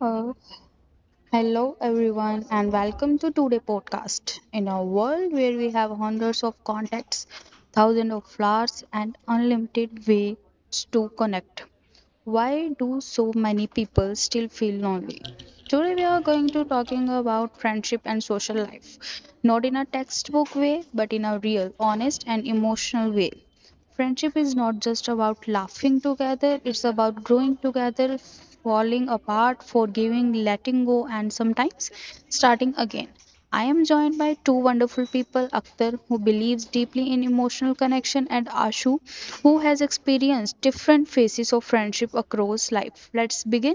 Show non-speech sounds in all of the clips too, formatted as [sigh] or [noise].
Uh, hello, everyone, and welcome to today's podcast. In a world where we have hundreds of contacts, thousands of flowers, and unlimited ways to connect, why do so many people still feel lonely? Today we are going to talking about friendship and social life, not in a textbook way, but in a real, honest and emotional way. Friendship is not just about laughing together, it's about growing together, falling apart, forgiving, letting go and sometimes starting again. I am joined by two wonderful people Akhtar, who believes deeply in emotional connection, and Ashu, who has experienced different phases of friendship across life. Let's begin.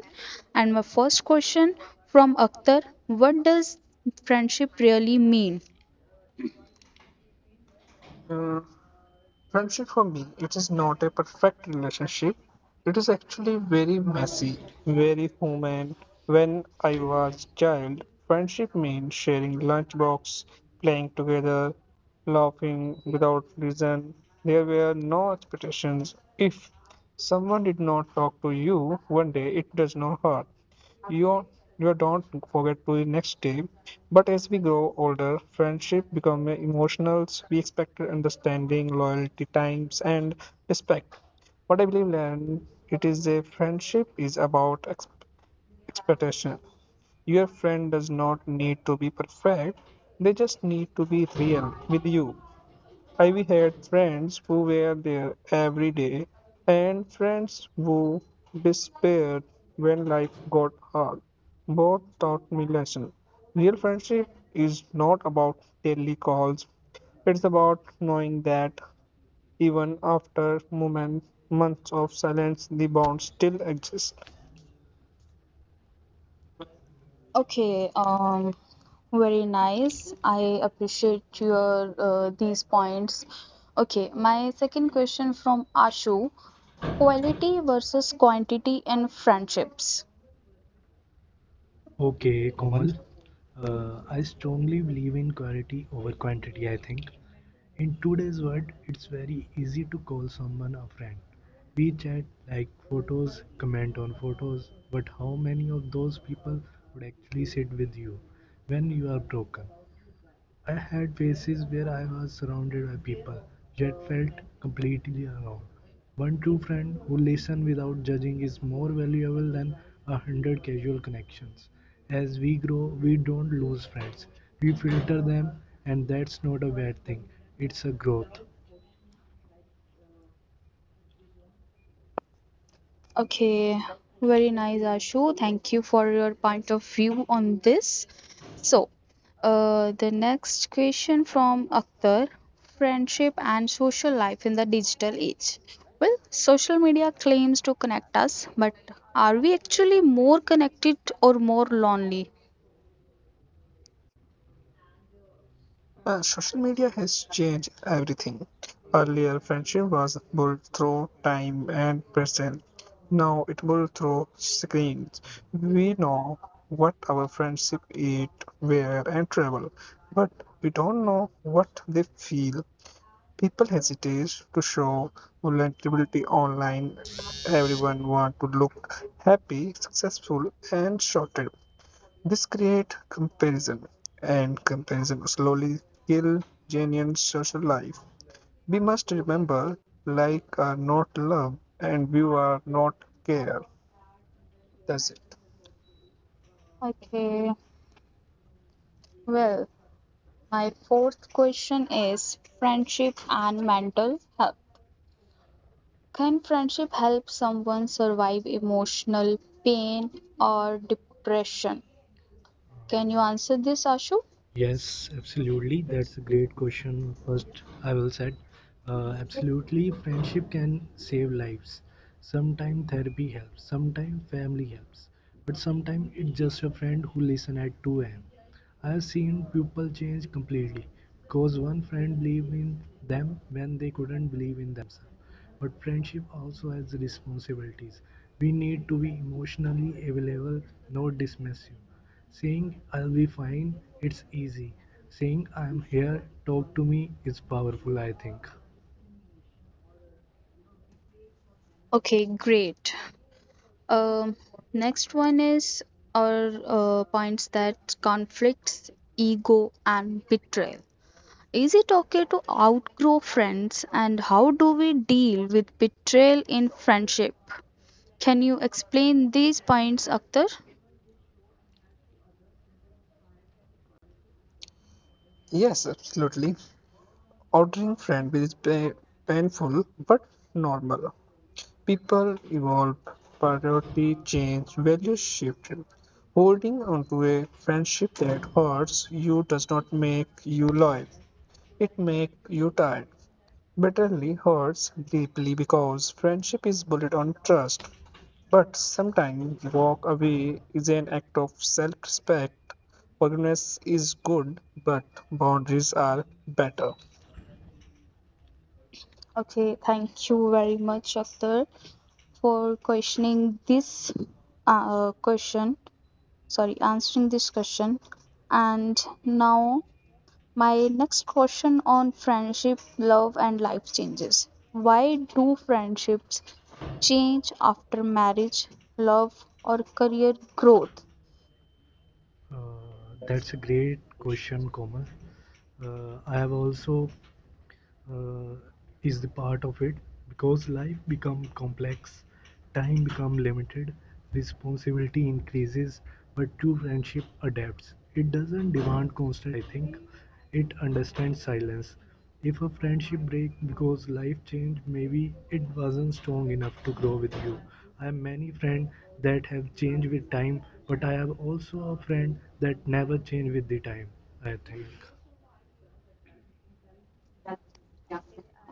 And my first question from Akhtar What does friendship really mean? Friendship for me, it is not a perfect relationship. It is actually very messy, very human. When I was child, friendship meant sharing lunchbox, playing together, laughing without reason. There were no expectations. If someone did not talk to you one day, it does not hurt. You, you don't forget to the next day. But as we grow older, friendship become emotional. We expect understanding, loyalty, times, and respect. What I believe, Lan, it is a friendship is about expectation. Your friend does not need to be perfect; they just need to be real with you. I had friends who were there every day, and friends who disappeared when life got hard. Both taught me lesson. Real friendship is not about daily calls. It's about knowing that even after moments, months of silence, the bond still exists. Okay, um, very nice. I appreciate your these points. Okay, my second question from Ashu. Quality versus quantity in friendships. Okay, Komal. I strongly believe in quality over quantity, I think. In today's world, it's very easy to call someone a friend. We chat, like photos, comment on photos, but how many of those people would actually sit with you when you are broken? I had phases where I was surrounded by people, yet felt completely alone. One true friend who listens without judging is more valuable than a hundred casual connections. As we grow, we don't lose friends, we filter them, and that's not a bad thing, it's a growth. Okay, very nice, Ashu. Thank you for your point of view on this. So, the next question from Akhtar Friendship and social life in the digital age. Well, social media claims to connect us, but are we actually more connected or more lonely? Social media has changed everything. Earlier, friendship was built through time and present. Now it built through screens. We know what our friendship eat, wear, and travel, but we don't know what they feel. People hesitate to show vulnerability online. Everyone want to look happy, successful, and short. This creates comparison, and comparison slowly kills genuine social life. We must remember like are not love and view are not care. That's it. Okay, well, my fourth question is friendship and mental health. Can friendship help someone survive emotional pain or depression? Can you answer this, Ashu? Yes, absolutely. That's a great question. First, I will said, absolutely, friendship can save lives. Sometimes therapy helps, sometimes family helps, but sometimes it's just a friend who listen at 2 a.m. I've seen people change completely because one friend believed in them when they couldn't believe in themselves. But friendship also has responsibilities. We need to be emotionally available, not dismissive. Saying "I'll be fine" it's easy. Saying "I'm here, talk to me" is powerful, I think. Okay, great. Um, Next one is our points that conflicts, ego, and betrayal. Is it okay to outgrow friends, and how do we deal with betrayal in friendship? Can you explain these points, Akhtar? Yes, absolutely. Ordering friend is painful but normal. People evolve, priority change, values shift. Holding onto a friendship that hurts you does not make you loyal. It makes you tired. Bitterly hurts deeply because friendship is built on trust. But sometimes walk away is an act of self-respect. Forgiveness is good, but boundaries are better. Okay, thank you very much, Akhtar, for questioning this question. Sorry, answering this question. And now, my next question on friendship, love, and life changes. Why do friendships change after marriage, love, or career growth? That's a great question, Komal. I have also uh, is the part of it, because life become complex, time become limited, responsibility increases, but true friendship adapts. It doesn't demand constant attention, I think. It understands silence. If a friendship break because life changed, maybe it wasn't strong enough to grow with you. I have many friends that have changed with time, but I have also a friend that never changed with the time, I think.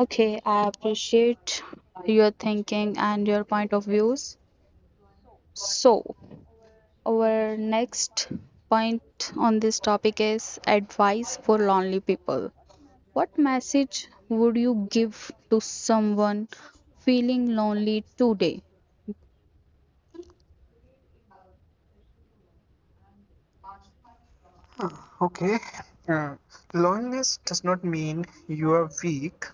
Okay, I appreciate your thinking and your point of views. So, our next point on this topic is advice for lonely people. What message would you give to someone feeling lonely today? Ah, okay. Uh, loneliness does not mean you are weak.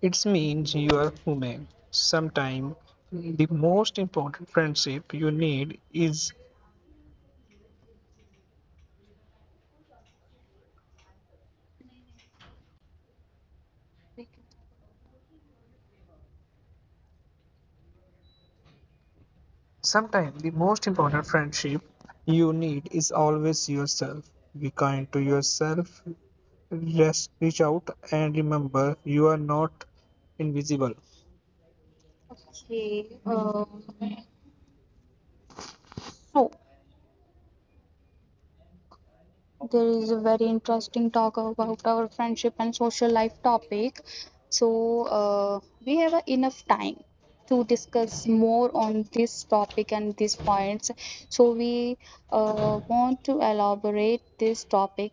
It means you are human. Sometimes the most important friendship you need is sometimes the most important friendship you need is always yourself. Be kind to yourself. Just reach out and remember you are not invisible. Okay, uh, so there is a very interesting talk about our friendship and social life topic. So we have enough time to discuss more on this topic and these points. So we want to elaborate this topic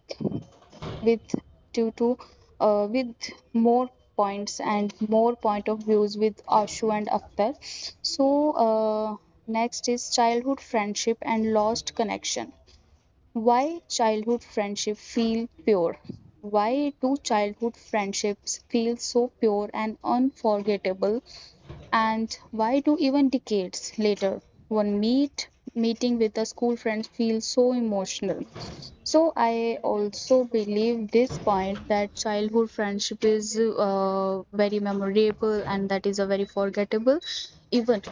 with due to with more points and more point of views with Ashu and Akhtar. So uh, next is childhood friendship and lost connection. Why childhood friendship feel pure? Why do childhood friendships feel so pure and unforgettable? And why do even decades later one meeting with a school friend feels so emotional? So I also believe this point that childhood friendship is very memorable and that is a very forgettable even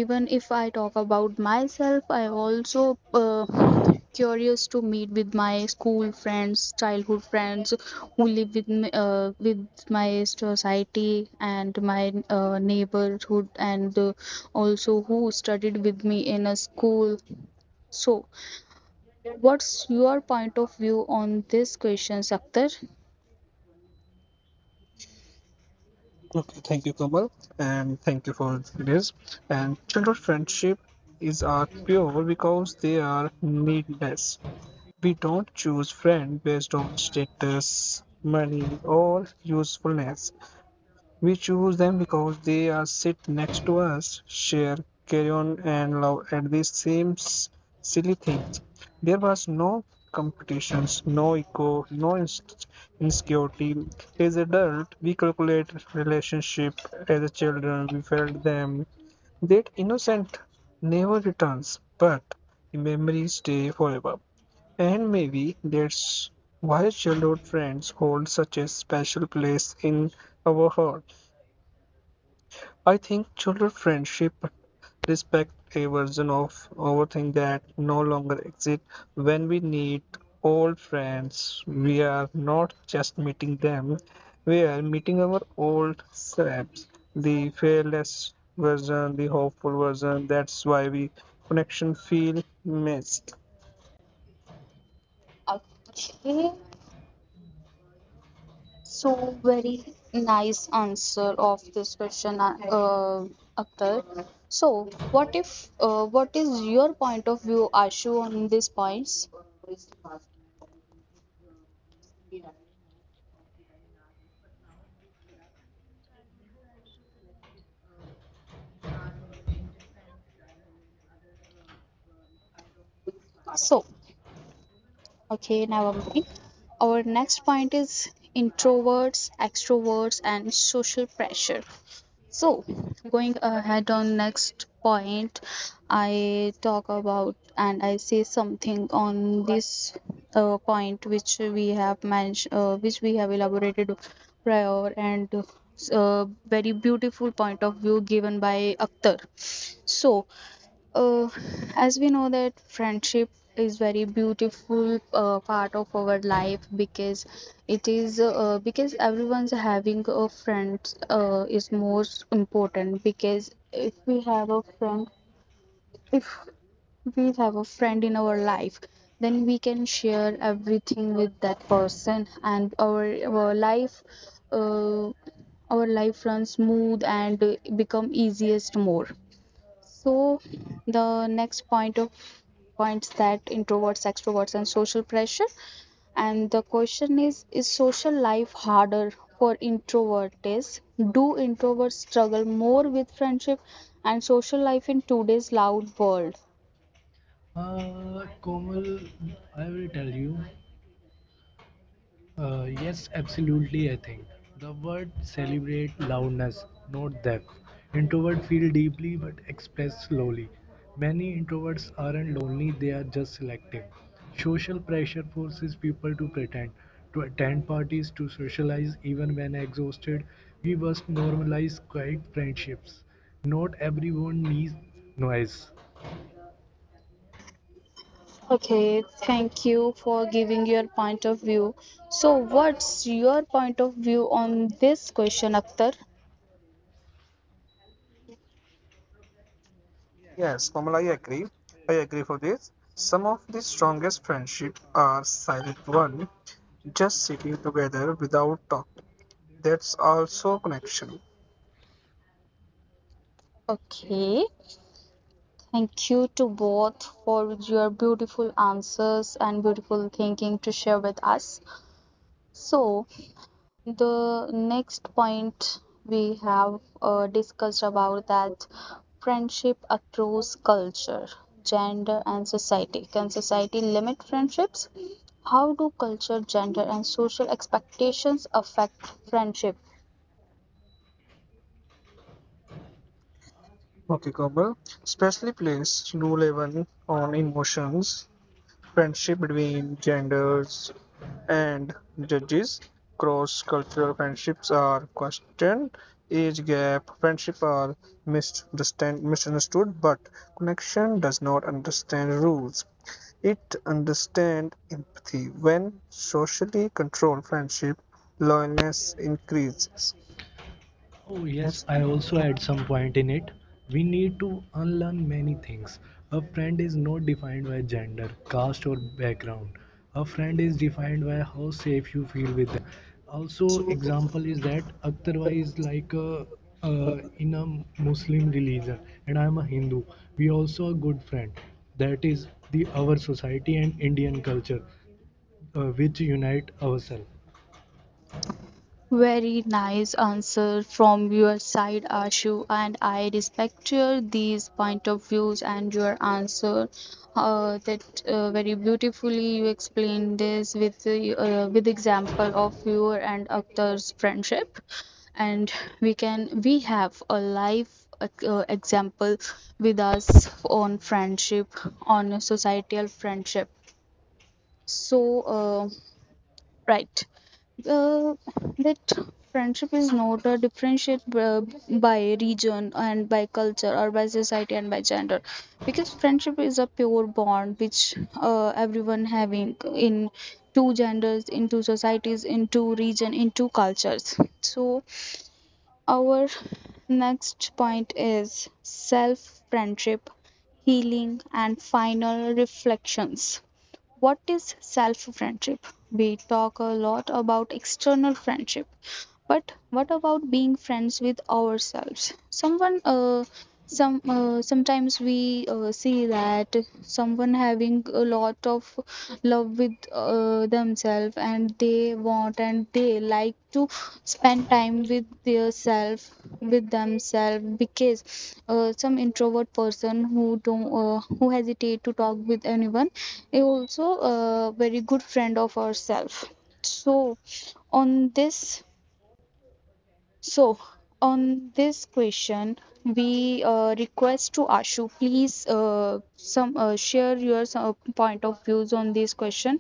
even if I talk about myself I also curious to meet with my school friends childhood friends who live with me, with my society and my neighborhood and also who studied with me in a school so what's your point of view on this question Akhtar? Okay, thank you, Komal, and thank you for this. And childhood friendship is are pure because they are needless. We don't choose friend based on status, money, or usefulness. We choose them because they are sit next to us, share, carry on, and love at the same silly thing. There was no competitions, no ego, no insecurity. As adults, we calculate relationship. As a children, we felt them. That innocent never returns, but the memories stay forever. And maybe that's why childhood friends hold such a special place in our heart. I think childhood friendship expect a version of overthink that no longer exists. When we meet old friends, we are not just meeting them, we are meeting our old selves, the fearless version, the hopeful version. That's why we connection feel missed. Okay. So very nice answer of this question, Akhtar. So what if, what is your point of view, Ashu, on these points? So, okay, never mind. Our next point is introverts, extroverts, and social pressure. So, going ahead on next point, I talk about and I say something on this point which we have mentioned, which we have elaborated prior, and very beautiful point of view given by Akhtar. So, uh, as we know that friendship is very beautiful part of our life because it is because everyone's having a friend is most important because if we have a friend if we have a friend in our life then we can share everything with that person and our life uh, our life runs smooth and become easiest more so the next point of points that introverts, extroverts, and social pressure. And the question is social life harder for introverts? Do introverts struggle more with friendship and social life in today's loud world? Komal, I will tell you. Yes, absolutely. I think the word celebrate loudness, not depth. Introverts feel deeply but express slowly. Many introverts aren't lonely; they are just selective. Social pressure forces people to pretend, to attend parties, to socialize even when exhausted. We must normalize quiet friendships. Not everyone needs noise. Okay, thank you for giving your point of view. So, what's your point of view on this question, Akhtar? Yes, Komal, I agree. I agree for this. Some of the strongest friendship are silent one, just sitting together without talking. That's also connection. Okay, thank you to both for your beautiful answers and beautiful thinking to share with us. So, the next point we have discussed about that friendship across culture, gender, and society. Can society limit friendships? How do culture, gender, and social expectations affect friendship? Okay, Komal. Especially plays rule even on emotions. Friendship between genders and judges, cross-cultural friendships are questioned, age gap friendships are misunderstood, but connection does not understand rules. It understands empathy. When socially controlled friendship, loneliness increases. Oh, yes, I also at some point in it. We need to unlearn many things. A friend is not defined by gender, caste, or background. A friend is defined by how safe you feel with them. Also, example is that Akhtar is like a, in a Muslim religion, and I am a Hindu. We also a good friend. That is the our society and Indian culture, which unite ourselves. Very nice answer from your side, Ashu, and I respect your these point of views and your answer. That very beautifully you explained this with the, with example of your and Akhtar's friendship, and we can we have a life example with us on friendship on a societal friendship. So right uh, that friendship is not differentiate by region and by culture or by society and by gender because friendship is a pure bond which everyone having in two genders in two societies in two region in two cultures so our next point is self friendship healing and final reflections what is self friendship? We talk a lot about external friendship, but what about being friends with ourselves? Someone, some sometimes we see that someone having a lot of love with themselves, and they want and they like to spend time with their self, with themselves, because some introvert person who don't who hesitate to talk with anyone is also a very good friend of ourselves. So on this, so on this question, we request to Ashu, please some share your point of views on this question.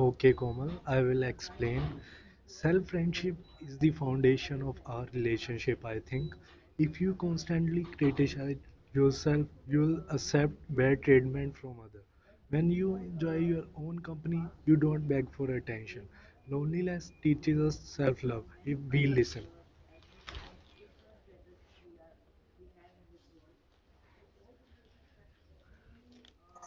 Okay, Komal, I will explain. Self friendship is the foundation of our relationship, I think. If you constantly criticize yourself, you will accept bad treatment from others. When you enjoy your own company, you don't beg for attention. Loneliness teaches us self love if we listen.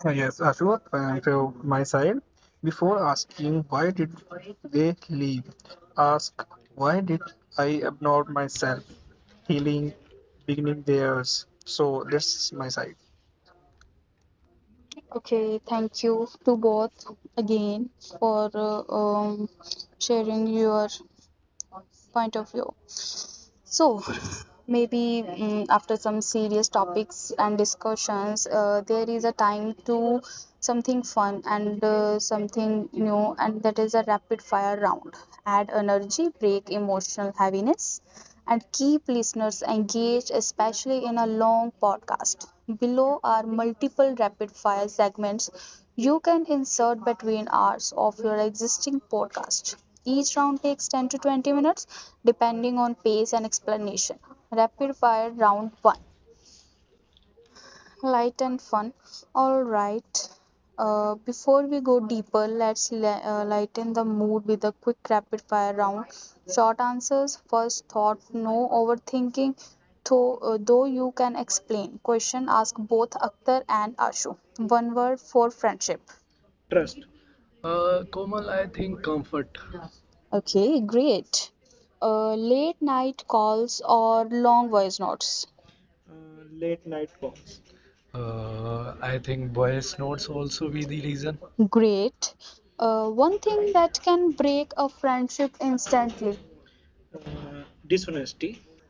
Yes Ashok, and from my side, before asking why did they leave, ask why did I abnorm myself, healing, beginning theirs. So that's my side. Okay, thank you to both again for sharing your point of view. So, maybe after some serious topics and discussions, there is a time to something fun and something new, and that is a rapid fire round. Add energy, break emotional heaviness, and keep listeners engaged, especially in a long podcast. Below are multiple rapid fire segments you can insert between hours of your existing podcast. Each round takes 10 to 20 minutes depending on pace and explanation. Rapid fire round 1, light and fun. All right. Before we go deeper, let's lighten the mood with a quick rapid fire round. Short answers, first thought, no overthinking, though you can explain. Question ask both Akhtar and Ashu. One word for friendship. Trust. Komal, I think comfort. Okay, great. Late night calls or long voice notes? I think boys' notes also be the reason. Great. One thing that can break a friendship instantly.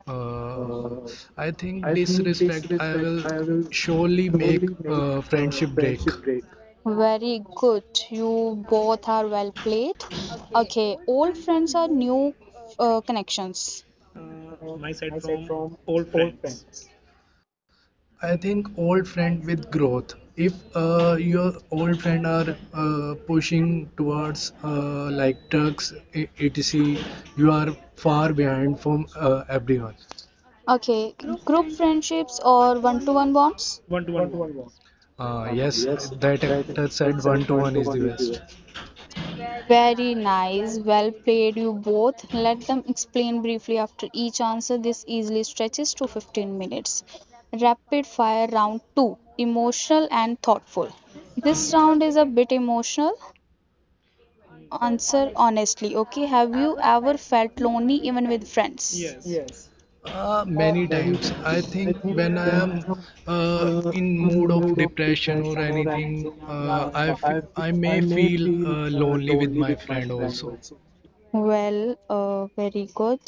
Uh, I think disrespect I will surely make a friendship break. Very good. You both are well played. Okay, old friends are new connections. I think old friend with growth. If your old friend are pushing towards like drugs, etc., you are far behind from everyone. Okay, group friendships or one to one bonds? Yes, that, that said, one to one is the best. Very nice. Well played, you both. Let them explain briefly after each answer. This easily stretches to 15 minutes. Rapid fire round 2, emotional and thoughtful. This round is a bit emotional. Answer honestly. Okay, have you ever felt lonely even with friends? Many times. I think when I am in mood of depression or anything, I may feel lonely with my friend also. Well, very good.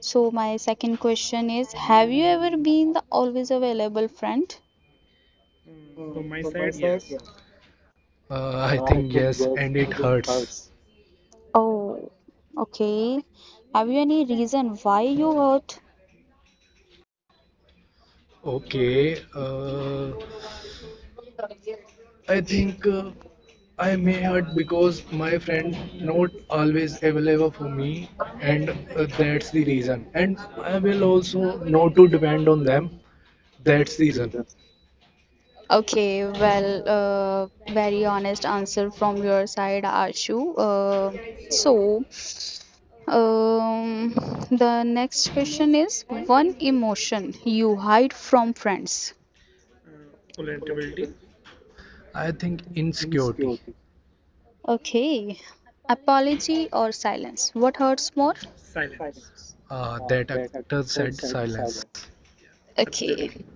So my second question is, have you ever been the always available friend? I think yes, and it hurts. Oh, okay. Have you any reason why you hurt? Okay. I think I may hurt because my friend not always available for me, and that's the reason. And I will also not to depend on them. That's the reason. Okay, well, very honest answer from your side, Ashu. So, um, the next question is, one emotion you hide from friends. I think insecurity. Okay, apology or silence? What hurts more? That actor said silence. Okay,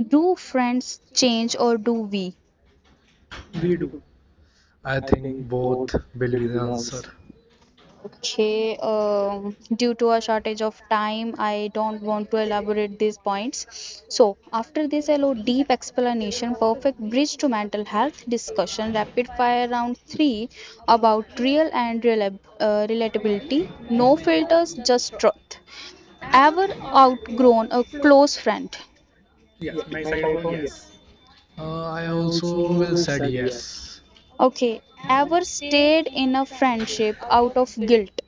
do friends change or do we? I think both will be the answer. Okay, due to a shortage of time, I don't want to elaborate these points. So, after this, allow deep explanation, perfect bridge to mental health discussion. Rapid fire round three, about real and relab relatability, no filters, just truth. Ever outgrown a close friend? I also will said yes. Okay, ever stayed in a friendship out of guilt?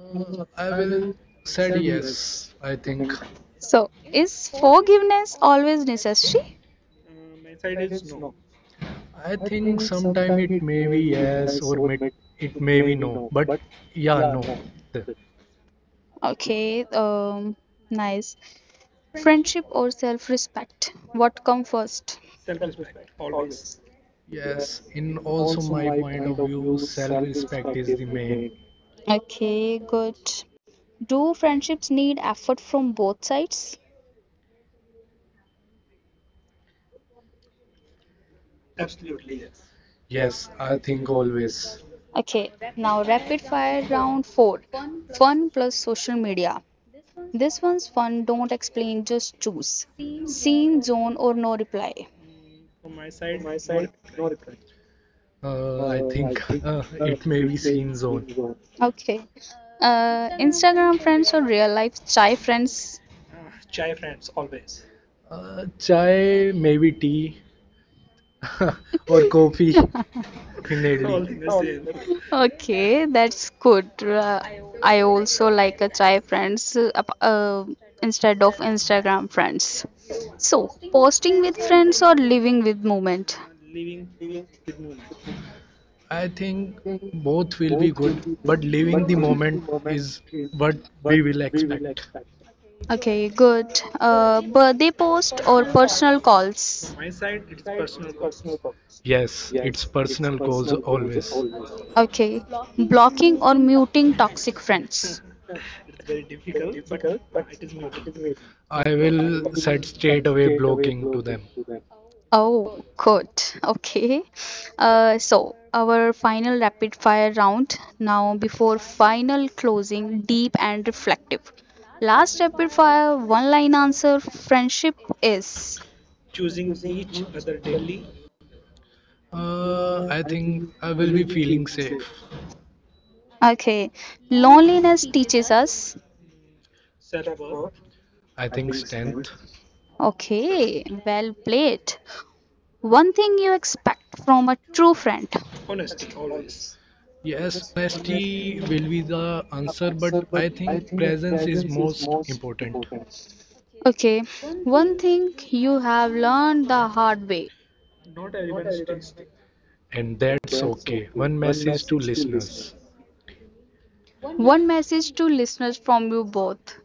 Uh, I will said yes. I think. So, is forgiveness always necessary? I think sometime it may be yes or it may be no. But yeah, no. Okay, nice. Friendship or self respect? What come first? Yes, in also my point of view, self respect is the main. Okay, good. Do friendships need effort from both sides? Yes, I think always. Okay, now rapid fire round four, fun plus social media. This one's fun, don't explain, just choose. Scene, zone, or no reply. I think [laughs] it may be seen zone. Okay, Instagram friends or real life chai friends? Chai, maybe tea [laughs] or coffee, [laughs] all definitely. Okay, that's good. I also like a try friends instead of Instagram friends. So, posting with friends or living with moment. I think both will be good, but living the moment is what we will expect. Okay, good. Birthday post or personal calls. Yes, it's personal goals always. Okay, blocking or muting toxic friends. I will set straight away blocking to them. Oh, good. Okay. So our final rapid fire round now before final closing, deep and reflective. Last rapid fire, one line answer. Friendship is. I think I will be feeling safe. Okay. Loneliness teaches us. I think strength. Okay. Well played. One thing you expect from a true friend. Yes, honesty will be the answer, but I think presence is most important, Okay. One thing you have learned the hard way. and that's okay. One message to listeners. One message to listeners from you both.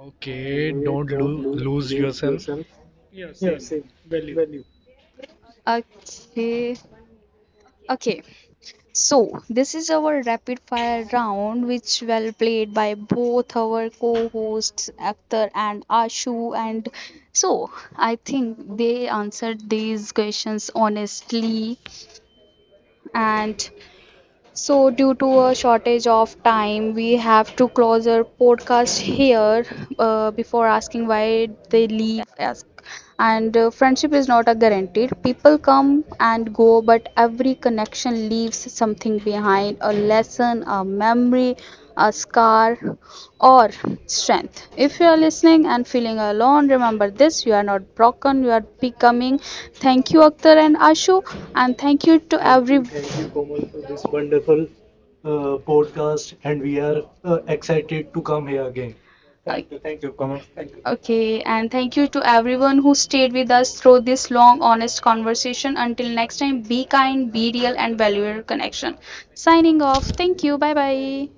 Okay, don't lose yourself. Okay. Okay, so this is our rapid fire round, which well played by both our co-hosts Akhtar and Ashu. And so I think they answered these questions honestly, and so, due to a shortage of time, we have to close our podcast here before asking why they leave us. And friendship is not a guaranteed. People come and go, but every connection leaves something behind, a lesson, a memory, a scar or strength. If you are listening and feeling alone, remember this, you are not broken, you are becoming. Thank you, Akhtar and Ashu, and thank you to every. Okay, and thank you to everyone who stayed with us through this long, honest conversation. Until next time, be kind, be real, and value your connection. Signing off. Thank you. Bye bye.